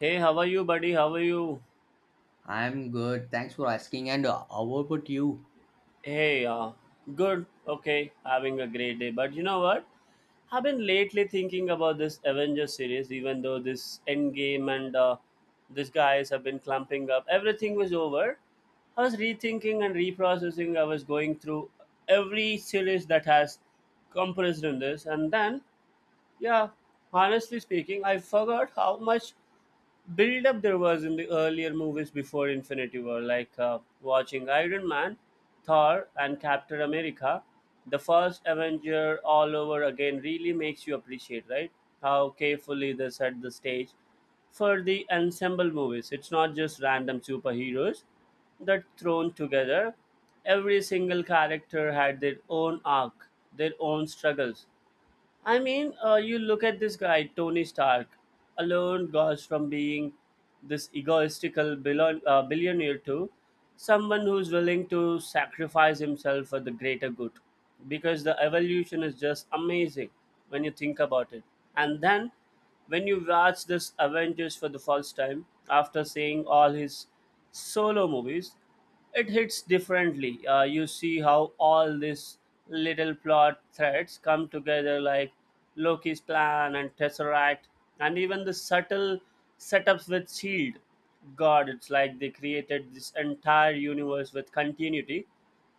Hey, how are you, buddy? How are you? I'm good. Thanks for asking. And how about you? Hey, good. Okay, having a great day. But you know what? I've been lately thinking about this Avengers series, even though this Endgame and these guys have been clumping up. Everything was over. I was rethinking and reprocessing. I was going through every series that has compressed in this, and then yeah, honestly speaking, I forgot how much build up there was in the earlier movies before Infinity War, like watching Iron Man, Thor, and Captain America. The first Avenger all over again really makes you appreciate, right? How carefully they set the stage for the ensemble movies. It's not just random superheroes that thrown together. Every single character had their own arc, their own struggles. I mean, you look at this guy, Tony Stark, alone goes from being this egoistical billionaire to someone who's willing to sacrifice himself for the greater good. Because the evolution is just amazing when you think about it. And then when you watch this Avengers for the first time, after seeing all his solo movies, it hits differently. You see how all these little plot threads come together, like Loki's plan and Tesseract, and even the subtle setups with Shield. God, it's like they created this entire universe with continuity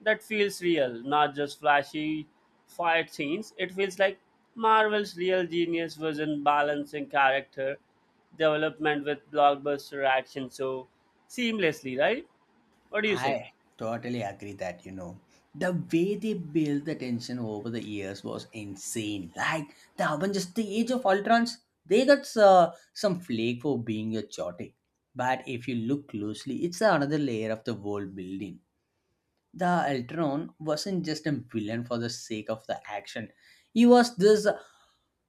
that feels real, not just flashy fight scenes. It feels like Marvel's real genius was in balancing character development with blockbuster action so seamlessly, right? What do you say? I totally agree that, the way they built the tension over the years was insane. Like the Avengers, the Age of Ultrons, they got some flake for being a chaotic. But if you look closely, it's another layer of the world building. The Ultron wasn't just a villain for the sake of the action. He was this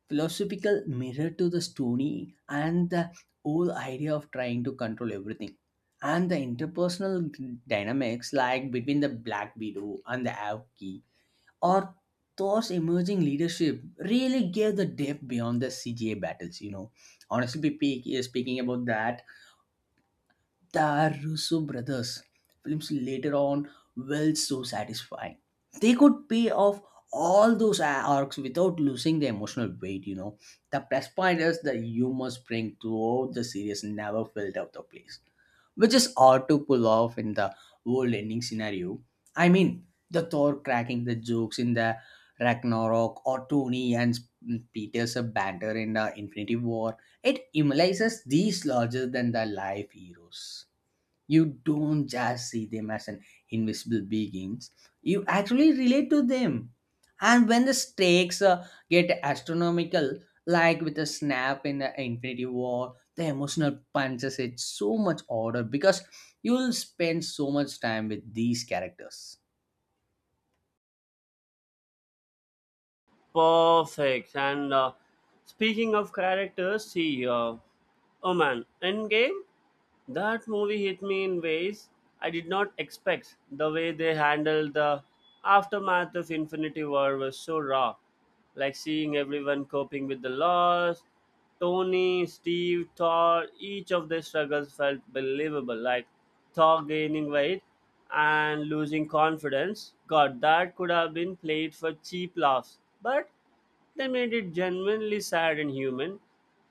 philosophical mirror to the story and the whole idea of trying to control everything. And the interpersonal dynamics, like between the Black Widow and the Avki, or Thor's emerging leadership, really gave the depth beyond the CGA battles. You know, honestly, speaking about that, the Russo brothers films later on were so satisfying. They could pay off all those arcs without losing the emotional weight. The plus point is the humor spring throughout the series never felt out of place, which is hard to pull off in the world ending scenario. I mean, the Thor cracking the jokes in the Ragnarok or Tony and Peter's banter in the Infinity War, it immortalizes these larger than the life heroes. You don't just see them as an invisible beings, you actually relate to them. And when the stakes get astronomical like with a snap in the Infinity War, the emotional punches it so much harder because you'll spend so much time with these characters. Perfect. And speaking of characters, see, oh man, Endgame. That movie hit me in ways I did not expect. The way they handled the aftermath of Infinity War was so raw. Like seeing everyone coping with the loss. Tony, Steve, Thor, each of their struggles felt believable. Like Thor gaining weight and losing confidence. God, that could have been played for cheap laughs. But they made it genuinely sad and human.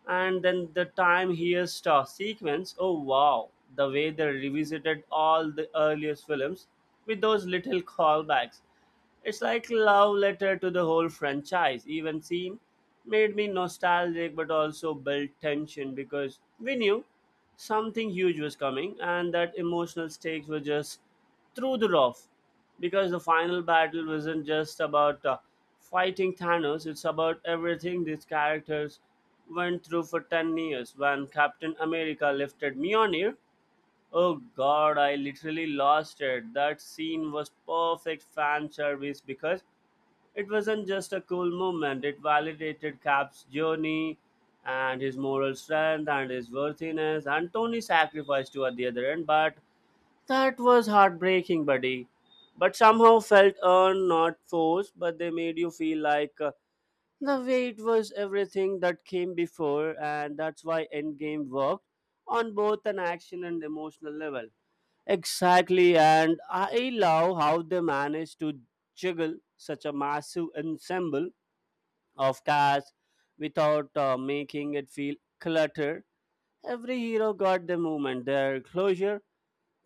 And then the time here star sequence, oh wow, the way they revisited all the earliest films with those little callbacks. It's like love letter to the whole franchise. Even scene made me nostalgic but also built tension because we knew something huge was coming and that emotional stakes were just through the roof because the final battle wasn't just about fighting Thanos, it's about everything these characters went through for 10 years when Captain America lifted Mjolnir. Oh god, I literally lost it. That scene was perfect fan service because it wasn't just a cool moment, it validated Cap's journey and his moral strength and his worthiness and Tony's sacrifice too at the other end. But that was heartbreaking, buddy. But somehow felt earned, not forced, but they made you feel like the weight was everything that came before, and that's why Endgame worked on both an action and emotional level. Exactly, and I love how they managed to juggle such a massive ensemble of cast without making it feel cluttered. Every hero got their moment, their closure.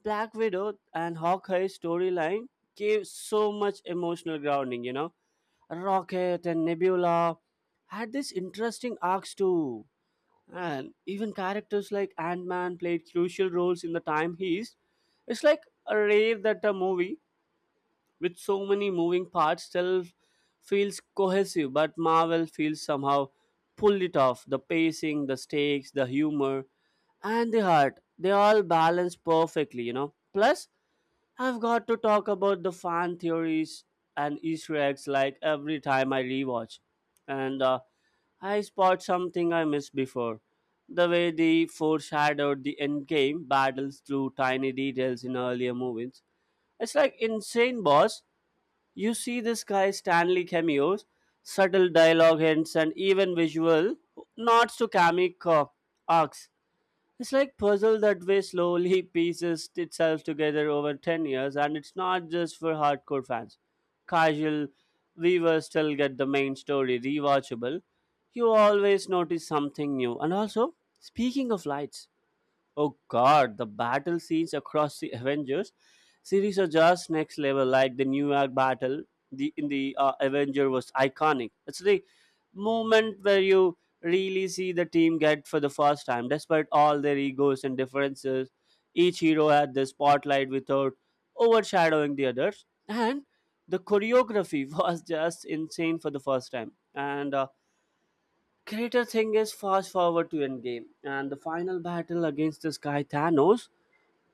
Black Widow and Hawkeye's storyline gave so much emotional grounding, you know. Rocket and Nebula had these interesting arcs too, and even characters like Ant-Man played crucial roles in the time he's. It's like a rare that a movie with so many moving parts still feels cohesive, but Marvel feels somehow pulled it off. The pacing, the stakes, the humor, and the heart. They all balance perfectly, you know. Plus, I've got to talk about the fan theories and Easter eggs like every time I rewatch. And I spot something I missed before. The way they foreshadowed the endgame battles through tiny details in earlier movies. It's like insane, boss. You see this guy Stanley cameos, subtle dialogue hints, and even visual nods to comic arcs. It's like puzzle that way slowly pieces itself together over 10 years and it's not just for hardcore fans. Casual viewers still get the main story rewatchable. You always notice something new. And also, speaking of lights, oh god, the battle scenes across the Avengers series are just next level. Like the New York battle the in the Avenger was iconic. It's the moment where you really see the team get for the first time, despite all their egos and differences. Each hero had the spotlight without overshadowing the others, and the choreography was just insane for the first time. And greater thing is fast forward to Endgame and the final battle against this guy Thanos.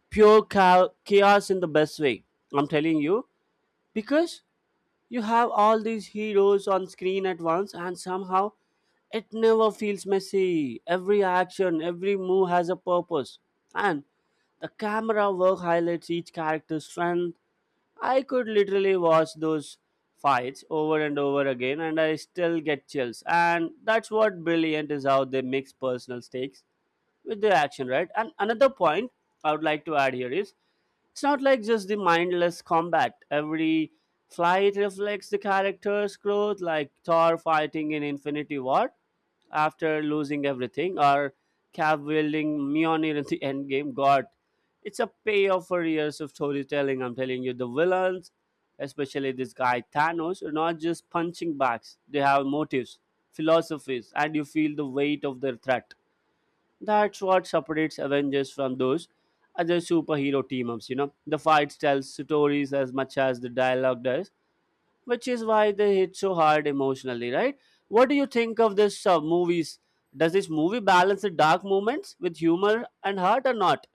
Pure chaos in the best way. I'm telling you. Because you have all these heroes on screen at once and somehow it never feels messy. Every action, every move has a purpose. And the camera work highlights each character's strength. I could literally watch those fights over and over again and I still get chills. And that's what brilliant is how they mix personal stakes with the action, right? And another point I would like to add here is it's not like just the mindless combat. Every flight reflects the character's growth, like Thor fighting in Infinity War after losing everything, or Cap wielding Mjolnir in the endgame. God, it's a payoff for years of storytelling. I'm telling you, the villains, especially this guy Thanos, are not just punching bags. They have motives, philosophies, and you feel the weight of their threat. That's what separates Avengers from those other superhero team ups, you know. The fights tell stories as much as the dialogue does, which is why they hit so hard emotionally, right? What do you think of this movies? Does this movie balance the dark moments with humor and heart or not?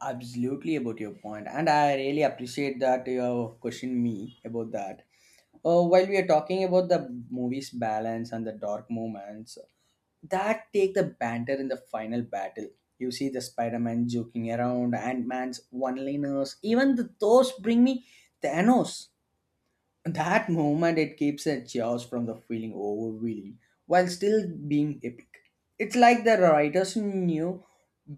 Absolutely about your point, and I really appreciate that you questioned me about that. Uh, while we are talking about the movie's balance and the dark moments that take the banter in the final battle. You see the Spider-Man joking around, Ant-Man's one-liners, even the those bring me Thanos. That moment it keeps a chaos from the feeling overwhelming while still being epic. It's like the writers knew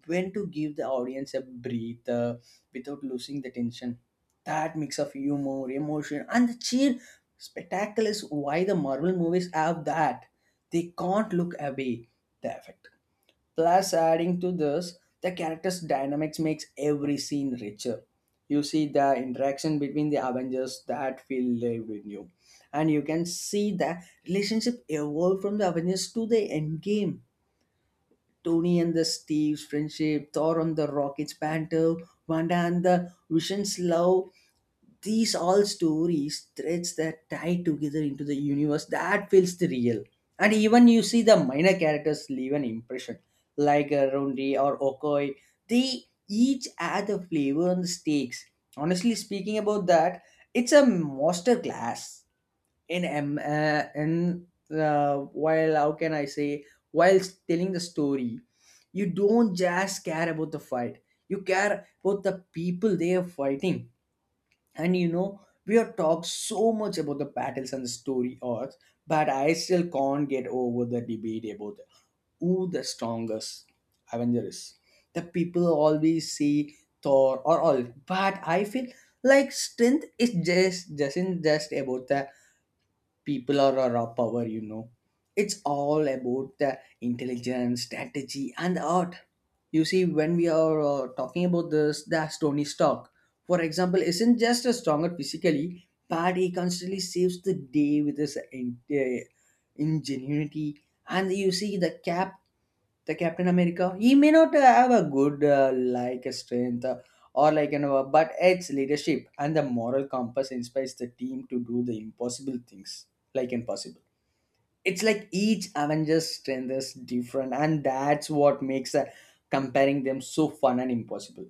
when to give the audience a breather without losing the tension. That mix of humor, emotion, and the sheer spectacle is why the Marvel movies have that. They can't look away the effect. Plus, adding to this, the characters' dynamics makes every scene richer. You see the interaction between the Avengers that feel lived in you, and you can see the relationship evolve from the Avengers to the Endgame. Tony and the Steve's friendship, Thor and the Rocket's banter, Wanda and the Vision's love, these all stories threads that tie together into the universe that feels the real. And even you see the minor characters leave an impression like Rondi or Okoi, they each add a flavor and the stakes. Honestly speaking about that, it's a master class in while, how can I say, while telling the story, you don't just care about the fight, you care about the people they are fighting. And you know, we have talked so much about the battles and the story arcs, but I still can't get over the debate about who the strongest Avenger is. The people always say Thor or all, but I feel like strength is just doesn't just about the people are our raw power. It's all about the intelligence strategy and art. You see, when we are talking about this, the Tony Stark for example isn't just a stronger physically, but he constantly saves the day with his ingenuity. And you see the cap, the Captain America. He may not have a good like a strength or like, but it's leadership and the moral compass inspires the team to do the impossible things like impossible. It's like each Avengers strength is different, and that's what makes comparing them so fun and impossible.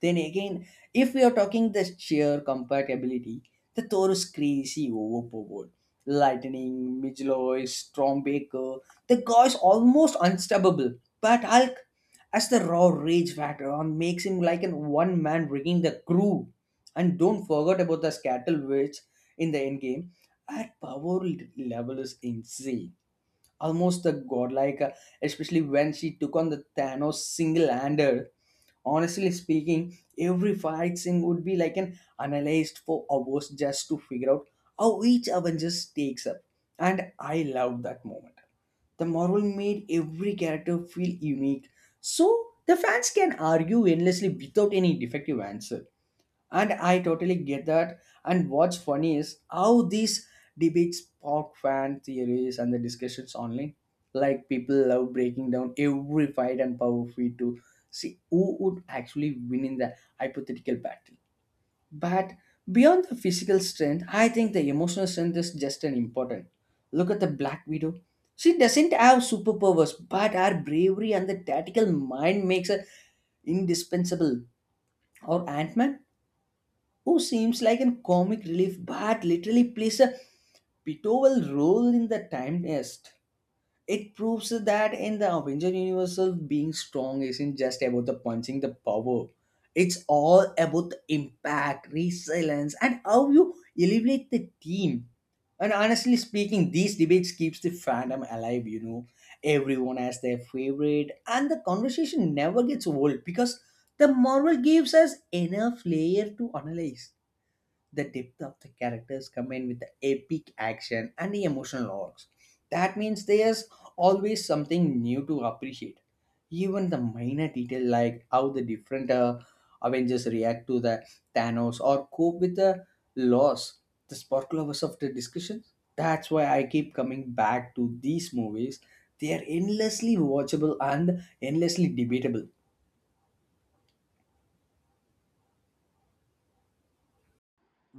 Then again, if we are talking the sheer compatibility, the Taurus crazy overboard. Lightning, Midgeloy, Stormbaker, the guy is almost unstoppable. But Hulk, as the raw rage factor on makes him like an one man rigging the crew. And don't forget about the Scattle Witch in the endgame. At power level is insane. Almost the godlike, especially when she took on the Thanos single-handed. Honestly speaking, every fight scene would be like an analyzed for hours just to figure out how each Avenger takes up. And I loved that moment. The Marvel made every character feel unique, so the fans can argue endlessly without any defective answer. And I totally get that. And what's funny is how these debates spark fan theories and the discussions online. Like people love breaking down every fight and power feed to see who would actually win in the hypothetical battle. But beyond the physical strength, I think the emotional strength is just as important. Look at the Black Widow. She doesn't have superpowers, but her bravery and the tactical mind makes her indispensable. Or Ant Man? Who seems like a comic relief but literally plays a pivotal role in the time nest. It proves that in the Avenger universe, being strong isn't just about the punching the power. It's all about the impact, resilience, and how you elevate the team. And honestly speaking, these debates keeps the fandom alive. Everyone has their favorite and the conversation never gets old because the Marvel gives us enough layer to analyze the depth of the characters combined with the epic action and the emotional arcs. That means there's always something new to appreciate. Even the minor detail like how the different Avengers react to the Thanos or cope with the loss, the sparkle of us of the discussion. That's why I keep coming back to these movies. They are endlessly watchable and endlessly debatable.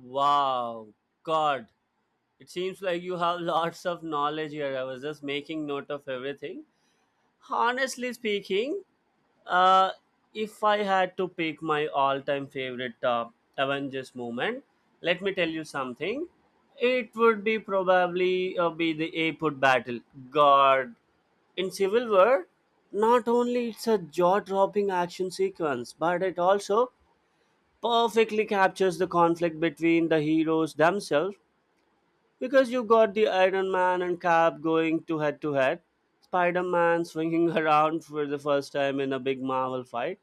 Wow, God. It seems like you have lots of knowledge here. I was just making note of everything. Honestly speaking, uh, if I had to pick my all-time favorite Avengers moment, let me tell you something. It would be probably be the airport battle. God, in Civil War, not only it's a jaw-dropping action sequence, but it also perfectly captures the conflict between the heroes themselves. Because you got the Iron Man and Cap going to head-to-head, Spider-Man swinging around for the first time in a big Marvel fight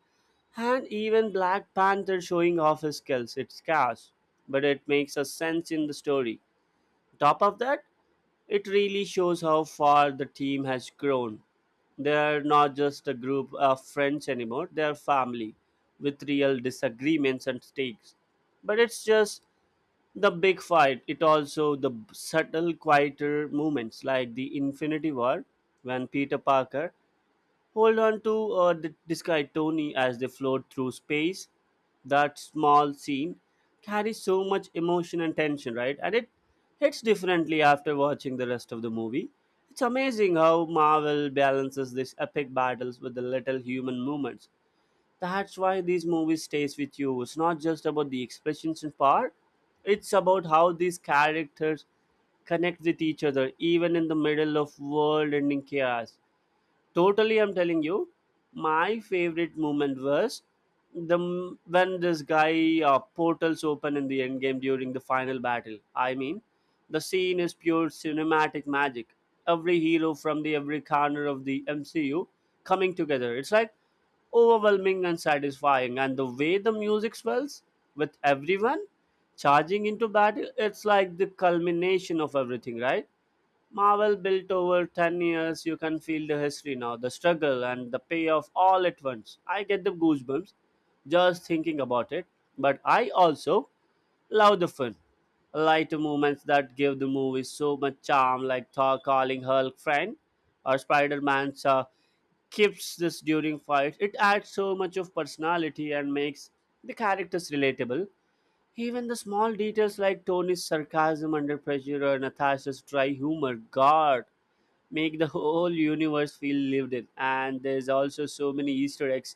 and even Black Panther showing off his skills, it's chaos, but it makes a sense in the story. Top of that, it really shows how far the team has grown. They're not just a group of friends anymore, they're family with real disagreements and stakes. But it's just the big fight it also the subtle quieter moments like the infinity war when peter parker hold on to this guy Tony as they float through space. That small scene carries so much emotion and tension, right? And it hits differently after watching the rest of the movie. It's amazing how Marvel balances these epic battles with the little human moments. That's why these movies stays with you. It's not just about the expressions and power. It's about how these characters connect with each other even in the middle of world ending chaos. Totally, I'm telling you, my favorite moment was when this guy portals open in the end game during the final battle. I mean, the scene is pure cinematic magic. Every hero from the every corner of the MCU coming together. It's like overwhelming and satisfying. And the way the music swells with everyone charging into battle, it's like the culmination of everything, right? Marvel built over 10 years, you can feel the history now, the struggle and the payoff all at once. I get the goosebumps just thinking about it, but I also love the fun. Lighter moments that give the movie so much charm, like Thor calling Hulk friend or Spider Man's keeps this during fights. It adds so much of personality and makes the characters relatable. Even the small details like Tony's sarcasm under pressure or Natasha's dry humor, God, make the whole universe feel lived in. And there's also so many Easter eggs,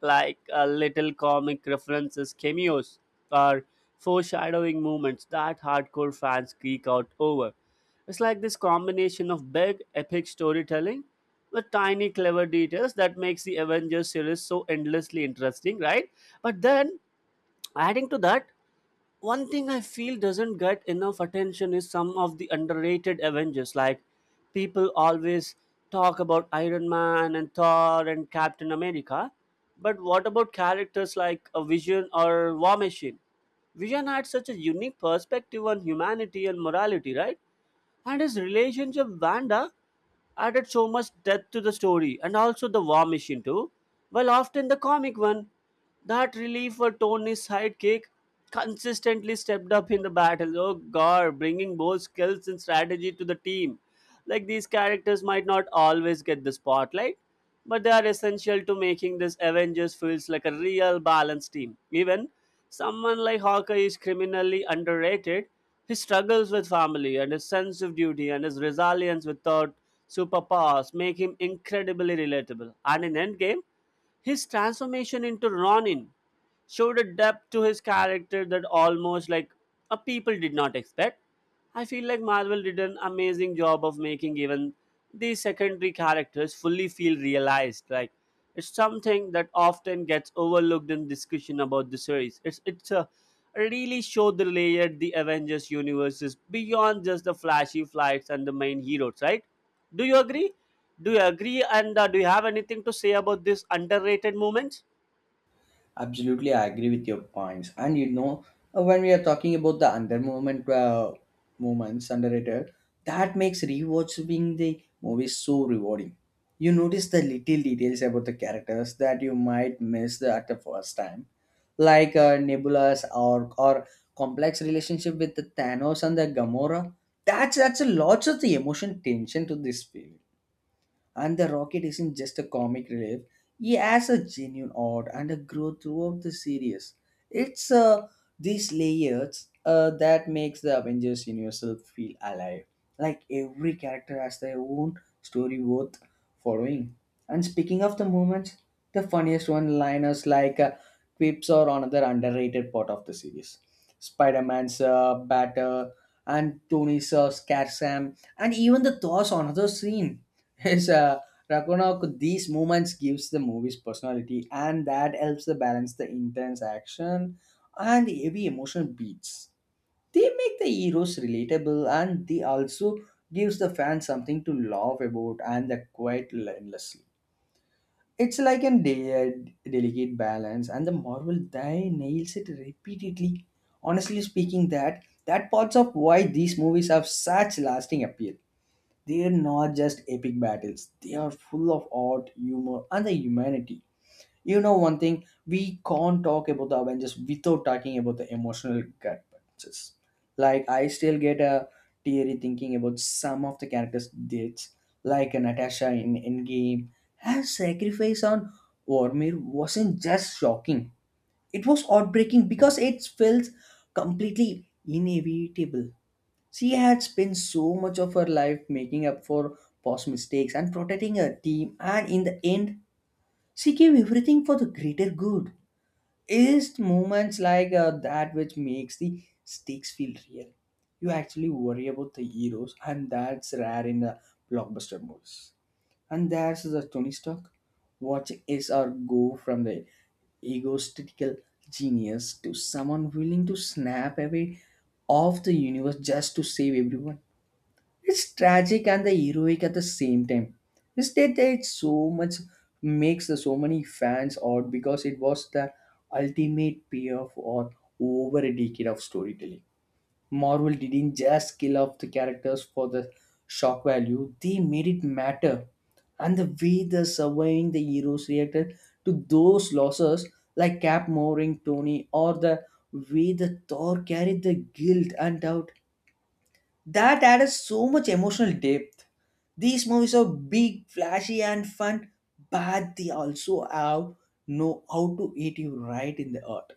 like little comic references, cameos, or foreshadowing moments that hardcore fans geek out over. It's like this combination of big, epic storytelling with tiny, clever details that makes the Avengers series so endlessly interesting, right? But then, adding to that, one thing I feel doesn't get enough attention is some of the underrated Avengers. Like people always talk about Iron Man and Thor and Captain America, but what about characters like a Vision or War Machine? Vision had such a unique perspective on humanity and morality, right? And his relationship with Wanda added so much depth to the story and also the war machine too. While often the comic one, that relief for Tony's sidekick consistently stepped up in the battle. Oh god, bringing both skills and strategy to the team. Like these characters might not always get the spotlight, but they are essential to making this Avengers feels like a real balanced team. Even Someone like Hawkeye is criminally underrated. His struggles with family and his sense of duty and his resilience without superpowers make him incredibly relatable. And in Endgame, his transformation into Ronin showed a depth to his character that almost like a people did not expect. I feel like Marvel did an amazing job of making even these secondary characters fully feel realized. Like it's something that often gets overlooked in discussion about the series. It's a really showed the layer the Avengers universe is beyond just the flashy flights and the main heroes, right? Do you agree? Do you agree? And do you have anything to say about this underrated movement? Absolutely, I agree with your points. And you know, when we are talking about the under movement moments underrated, that makes rewatching the movie so rewarding. You notice the little details about the characters that you might miss the, at the first time, like Nebula's or complex relationship with the Thanos and the Gamora. That's a lot of the emotion tension to this film, and the Rocket isn't just a comic relief, he has a genuine art and a growth throughout the series. It's these layers that makes the Avengers universe feel alive. Like every character has their own story worth following. And speaking of the moments, the funniest one-liners like quips are another underrated part of the series. Spider-Man's batter and Tony's scare Sam and even the Thor's another scene. Yes, Ragnarok, these moments gives the movie's personality and that helps to balance the intense action and the heavy emotional beats. They make the heroes relatable and they also gives the fans something to laugh about and the quite endlessly. It's like a delicate balance and the Marvel die nails it repeatedly. Honestly speaking, that parts of why these movies have such lasting appeal. They're not just epic battles, they are full of art, humor, and the humanity. You know, one thing, we can't talk about the Avengers without talking about the emotional gut punches. Like, I still get a teary thinking about some of the characters' deaths, like Natasha in Endgame. Her sacrifice on Vormir wasn't just shocking, it was heartbreaking because it felt completely inevitable. She had spent so much of her life making up for past mistakes and protecting her team, and in the end, she gave everything for the greater good. It's moments like that which makes the stakes feel real. You actually worry about the heroes, and that's rare in the blockbuster movies. And there's the Tony Stark watching is our go from the egotistical genius to someone willing to snap away off the universe just to save everyone. It's tragic and the heroic at the same time. This date it so much makes the so many fans out because it was the ultimate payoff or over a decade of storytelling. Marvel didn't just kill off the characters for the shock value, they made it matter. And the way the surviving the heroes reacted to those losses, like Cap murdering Tony, or the way the Thor carried the guilt and doubt, that added so much emotional depth. These movies are big, flashy, and fun, but they also have know how to hit you right in the heart.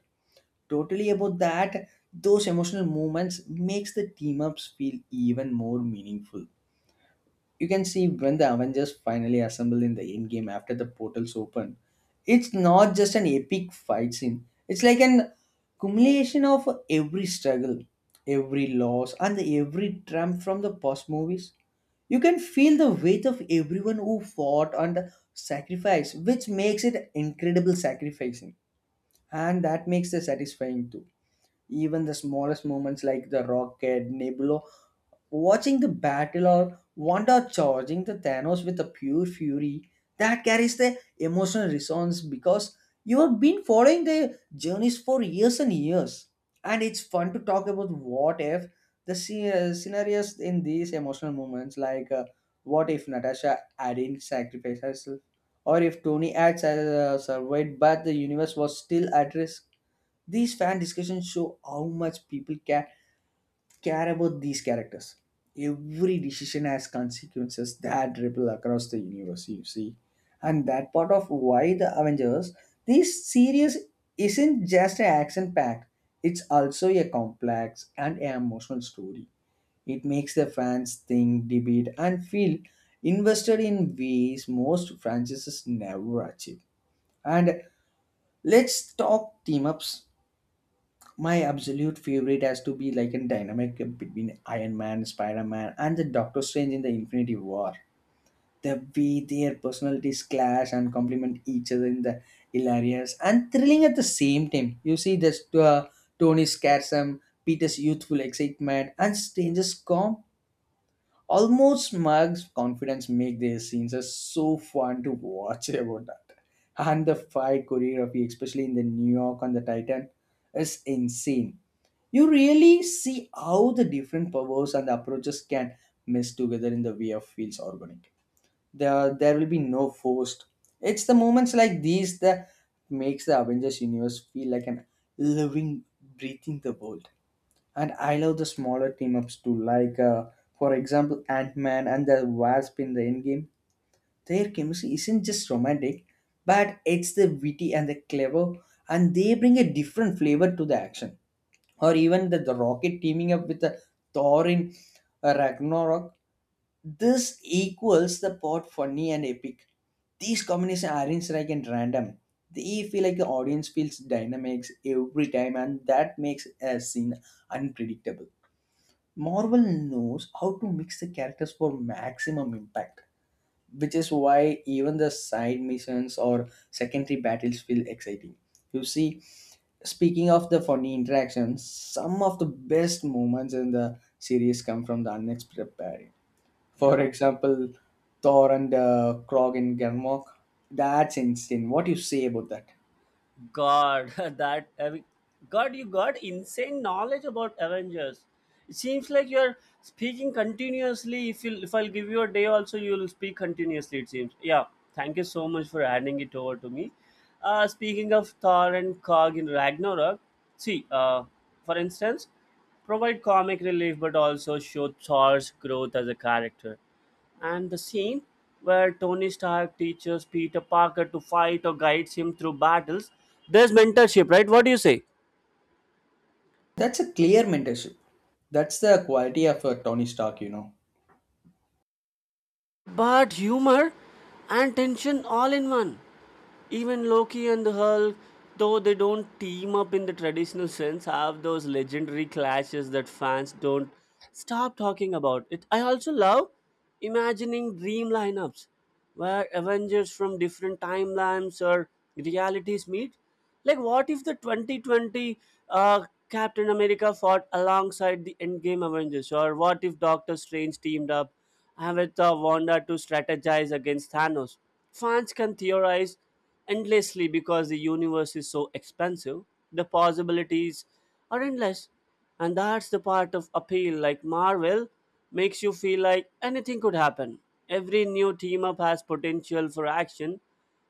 Totally about that, those emotional moments makes the team ups feel even more meaningful. You can see when the Avengers finally assemble in the end game after the portals open, it's not just an epic fight scene. It's like an accumulation of every struggle, every loss, and every triumph from the past movies. You can feel the weight of everyone who fought and sacrificed, which makes it incredible sacrificing, and that makes it satisfying too. Even the smallest moments like the rocket, Nebula, watching the battle or Wanda charging the Thanos with a pure fury, that carries the emotional resonance because you have been following their journeys for years and years. And it's fun to talk about what if scenarios in these emotional moments, like what if Natasha hadn't sacrificed herself, or if Tony had survived but the universe was still at risk. These fan discussions show how much people care about these characters. Every decision has consequences that ripple across the universe, you see. And that part of why the Avengers, this series isn't just an action pack, it's also a complex and emotional story. It makes the fans think, debate, and feel invested in ways most franchises never achieve. And let's talk team ups. My absolute favorite has to be like a dynamic between Iron Man, Spider Man, and the Doctor Strange in the Infinity War. The way their personalities clash and complement each other in the hilarious and thrilling at the same time. You see this Tony's sarcasm, Peter's youthful excitement, and Strange's calm, almost smug confidence make their scenes are so fun to watch about that. And the fight choreography, especially in the New York on the Titan, is insane. You really see how the different powers and approaches can mesh together in the way of feels organic. There will be no forced. It's the moments like these that makes the Avengers universe feel like an living, breathing the world. And I love the smaller team ups too, like for example, Ant Man and the Wasp in the Endgame. Their chemistry isn't just romantic, but it's the witty and the clever, and they bring a different flavor to the action, or even the Rocket teaming up with the Thor in Ragnarok, this equals the pot funny and epic. These combinations aren't like and random. They feel like the audience feels dynamics every time, and that makes a scene unpredictable. Marvel knows how to mix the characters for maximum impact, which is why even the side missions or secondary battles feel exciting. You see, speaking of the funny interactions, some of the best moments in the series come from the unexpected. For Yeah, example, Thor and Krog in Gernmok. That's insane. What do you say about that? God, that Ave- God, you got insane knowledge about Avengers. It seems like you're speaking continuously. If I'll give you a day, also you'll speak continuously. It seems. Yeah, thank you so much for handing it over to me. Speaking of Thor and Cog in Ragnarok, see, for instance, provide comic relief, but also show Thor's growth as a character. And the scene where Tony Stark teaches Peter Parker to fight or guides him through battles. There's mentorship, right? What do you say? That's a clear mentorship. That's the quality of a Tony Stark, you know. But humor and tension all in one. Even Loki and the Hulk, though they don't team up in the traditional sense, have those legendary clashes that fans don't stop talking about. It I also love imagining dream lineups where Avengers from different timelines or realities meet. Like what if the 2020 Captain America fought alongside the Endgame Avengers, or what if Doctor Strange teamed up with Wanda to strategize against Thanos? Fans can theorize endlessly because the universe is so expansive, the possibilities are endless, and that's the part of appeal. Like Marvel makes you feel like anything could happen. Every new team up has potential for action,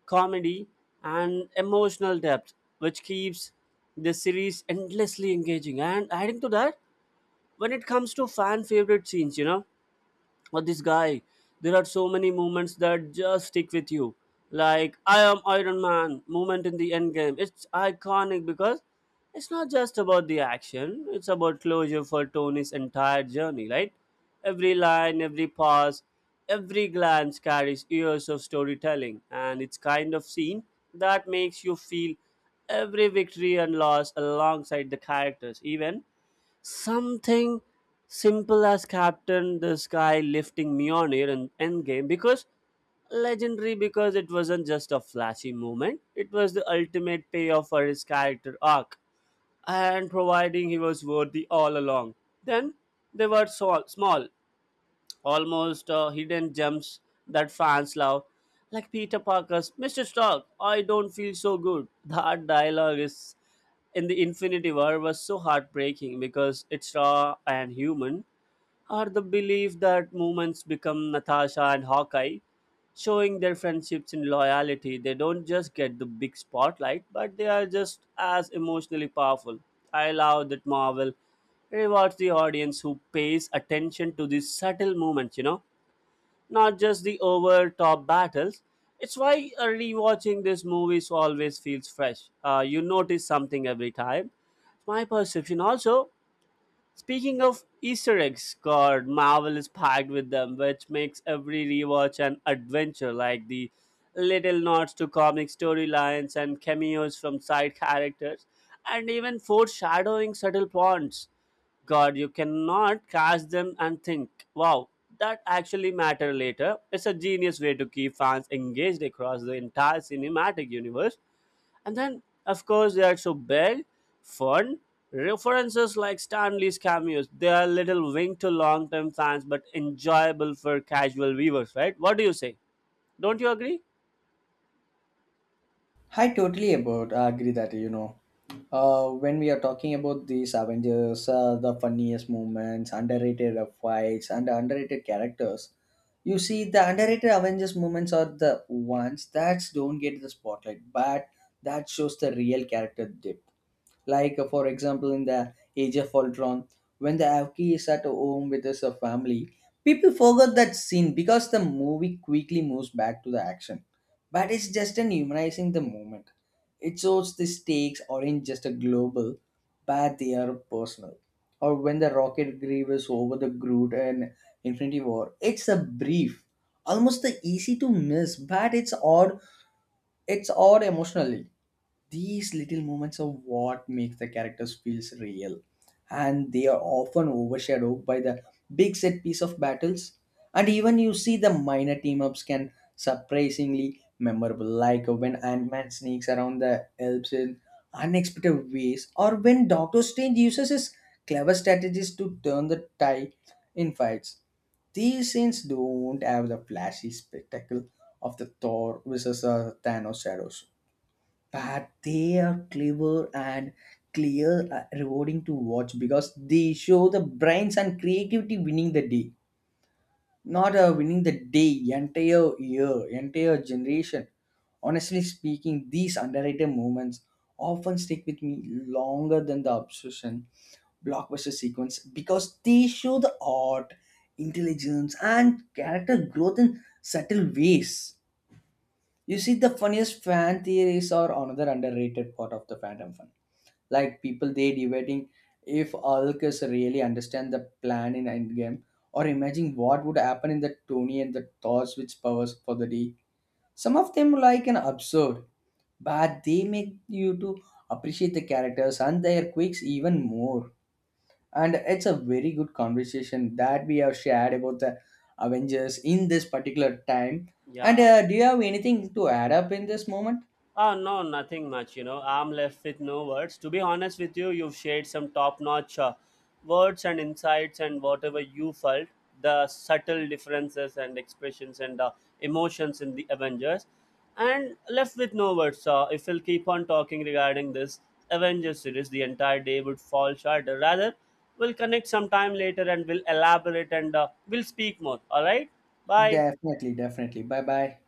comedy, and emotional depth, which keeps the series endlessly engaging. And adding to that, when it comes to fan favorite scenes, you know, or this guy, there are so many moments that just stick with you, like I am Iron Man moment in the end game. It's iconic because it's not just about the action, it's about closure for Tony's entire journey, right? Every line, every pause, every glance carries years of storytelling, and it's kind of scene that makes you feel every victory and loss alongside the characters. Even Something simple as Captain this guy lifting Mjolnir in Endgame because legendary, because it wasn't just a flashy moment, it was the ultimate payoff for his character arc and providing he was worthy all along. Then they were so small, almost hidden gems that fans love, like Peter Parker's Mr. Stark, I don't feel so good. That dialogue is in the Infinity War was so heartbreaking because it's raw and human, or the belief that moments become Natasha and Hawkeye, showing their friendships and loyalty. They don't just get the big spotlight, but they are just as emotionally powerful. I love that Marvel rewards the audience who pays attention to these subtle moments, you know, not just the over top battles. It's why rewatching these movies always feels fresh. You notice something every time. My perception also. Speaking of Easter eggs, God, Marvel is packed with them, which makes every rewatch an adventure, like the little nods to comic storylines and cameos from side characters, and even foreshadowing subtle plots. God, you cannot catch them and think, wow, that actually matter later. It's a genius way to keep fans engaged across the entire cinematic universe. And then, of course, they are so big, fun. References like Stanley's cameos, they are little wink to long term fans but enjoyable for casual viewers, right? What do you say? Don't you agree? I totally about I agree that you know. When we are talking about these Avengers, the funniest moments, underrated fights, and underrated characters, you see the underrated Avengers moments are the ones that don't get the spotlight, but that shows the real character depth. Like, for example, in the Age of Ultron, when the Avki is at home with his family, people forgot that scene because the movie quickly moves back to the action. But it's just an humanizing the moment. It shows the stakes aren't just a global, but they are personal. Or when the rocket grieves over the Groot and Infinity War, it's a brief, almost the easy to miss, but it's odd. It's odd emotionally. These little moments are what makes the characters feels real, and they are often overshadowed by the big set piece of battles. And even you see the minor team ups can surprisingly memorable, like when Ant Man sneaks around the elves in unexpected ways, or when Doctor Strange uses his clever strategies to turn the tide in fights. These scenes don't have the flashy spectacle of the Thor versus Thanos shadows, but they are clever and clear, rewarding to watch because they show the brains and creativity winning the day, not winning the day, entire year, entire generation. Honestly speaking, these underrated moments often stick with me longer than the obsession blockbuster sequence because they show the art, intelligence, and character growth in subtle ways. You see, the funniest fan theories are another underrated part of the fandom fun. Like people they debating if Alcus really understand the plan in Endgame, or imagine what would happen in the Tony and the Thor switch powers for the day. Some of them like an absurd, but they make you to appreciate the characters and their quirks even more. And it's a very good conversation that we have shared about the Avengers in this particular time. And Yeah. Do you have anything to add up in this moment? Ah, no, nothing much. You know, I'm left with no words. To be honest with you, you've shared some top notch words and insights and whatever you felt, the subtle differences and expressions and emotions in the Avengers. And left with no words. If we'll keep on talking regarding this Avengers series, the entire day would fall short. Rather, we'll connect sometime later and we'll elaborate and we'll speak more. All right? Bye. Definitely, definitely. Bye bye.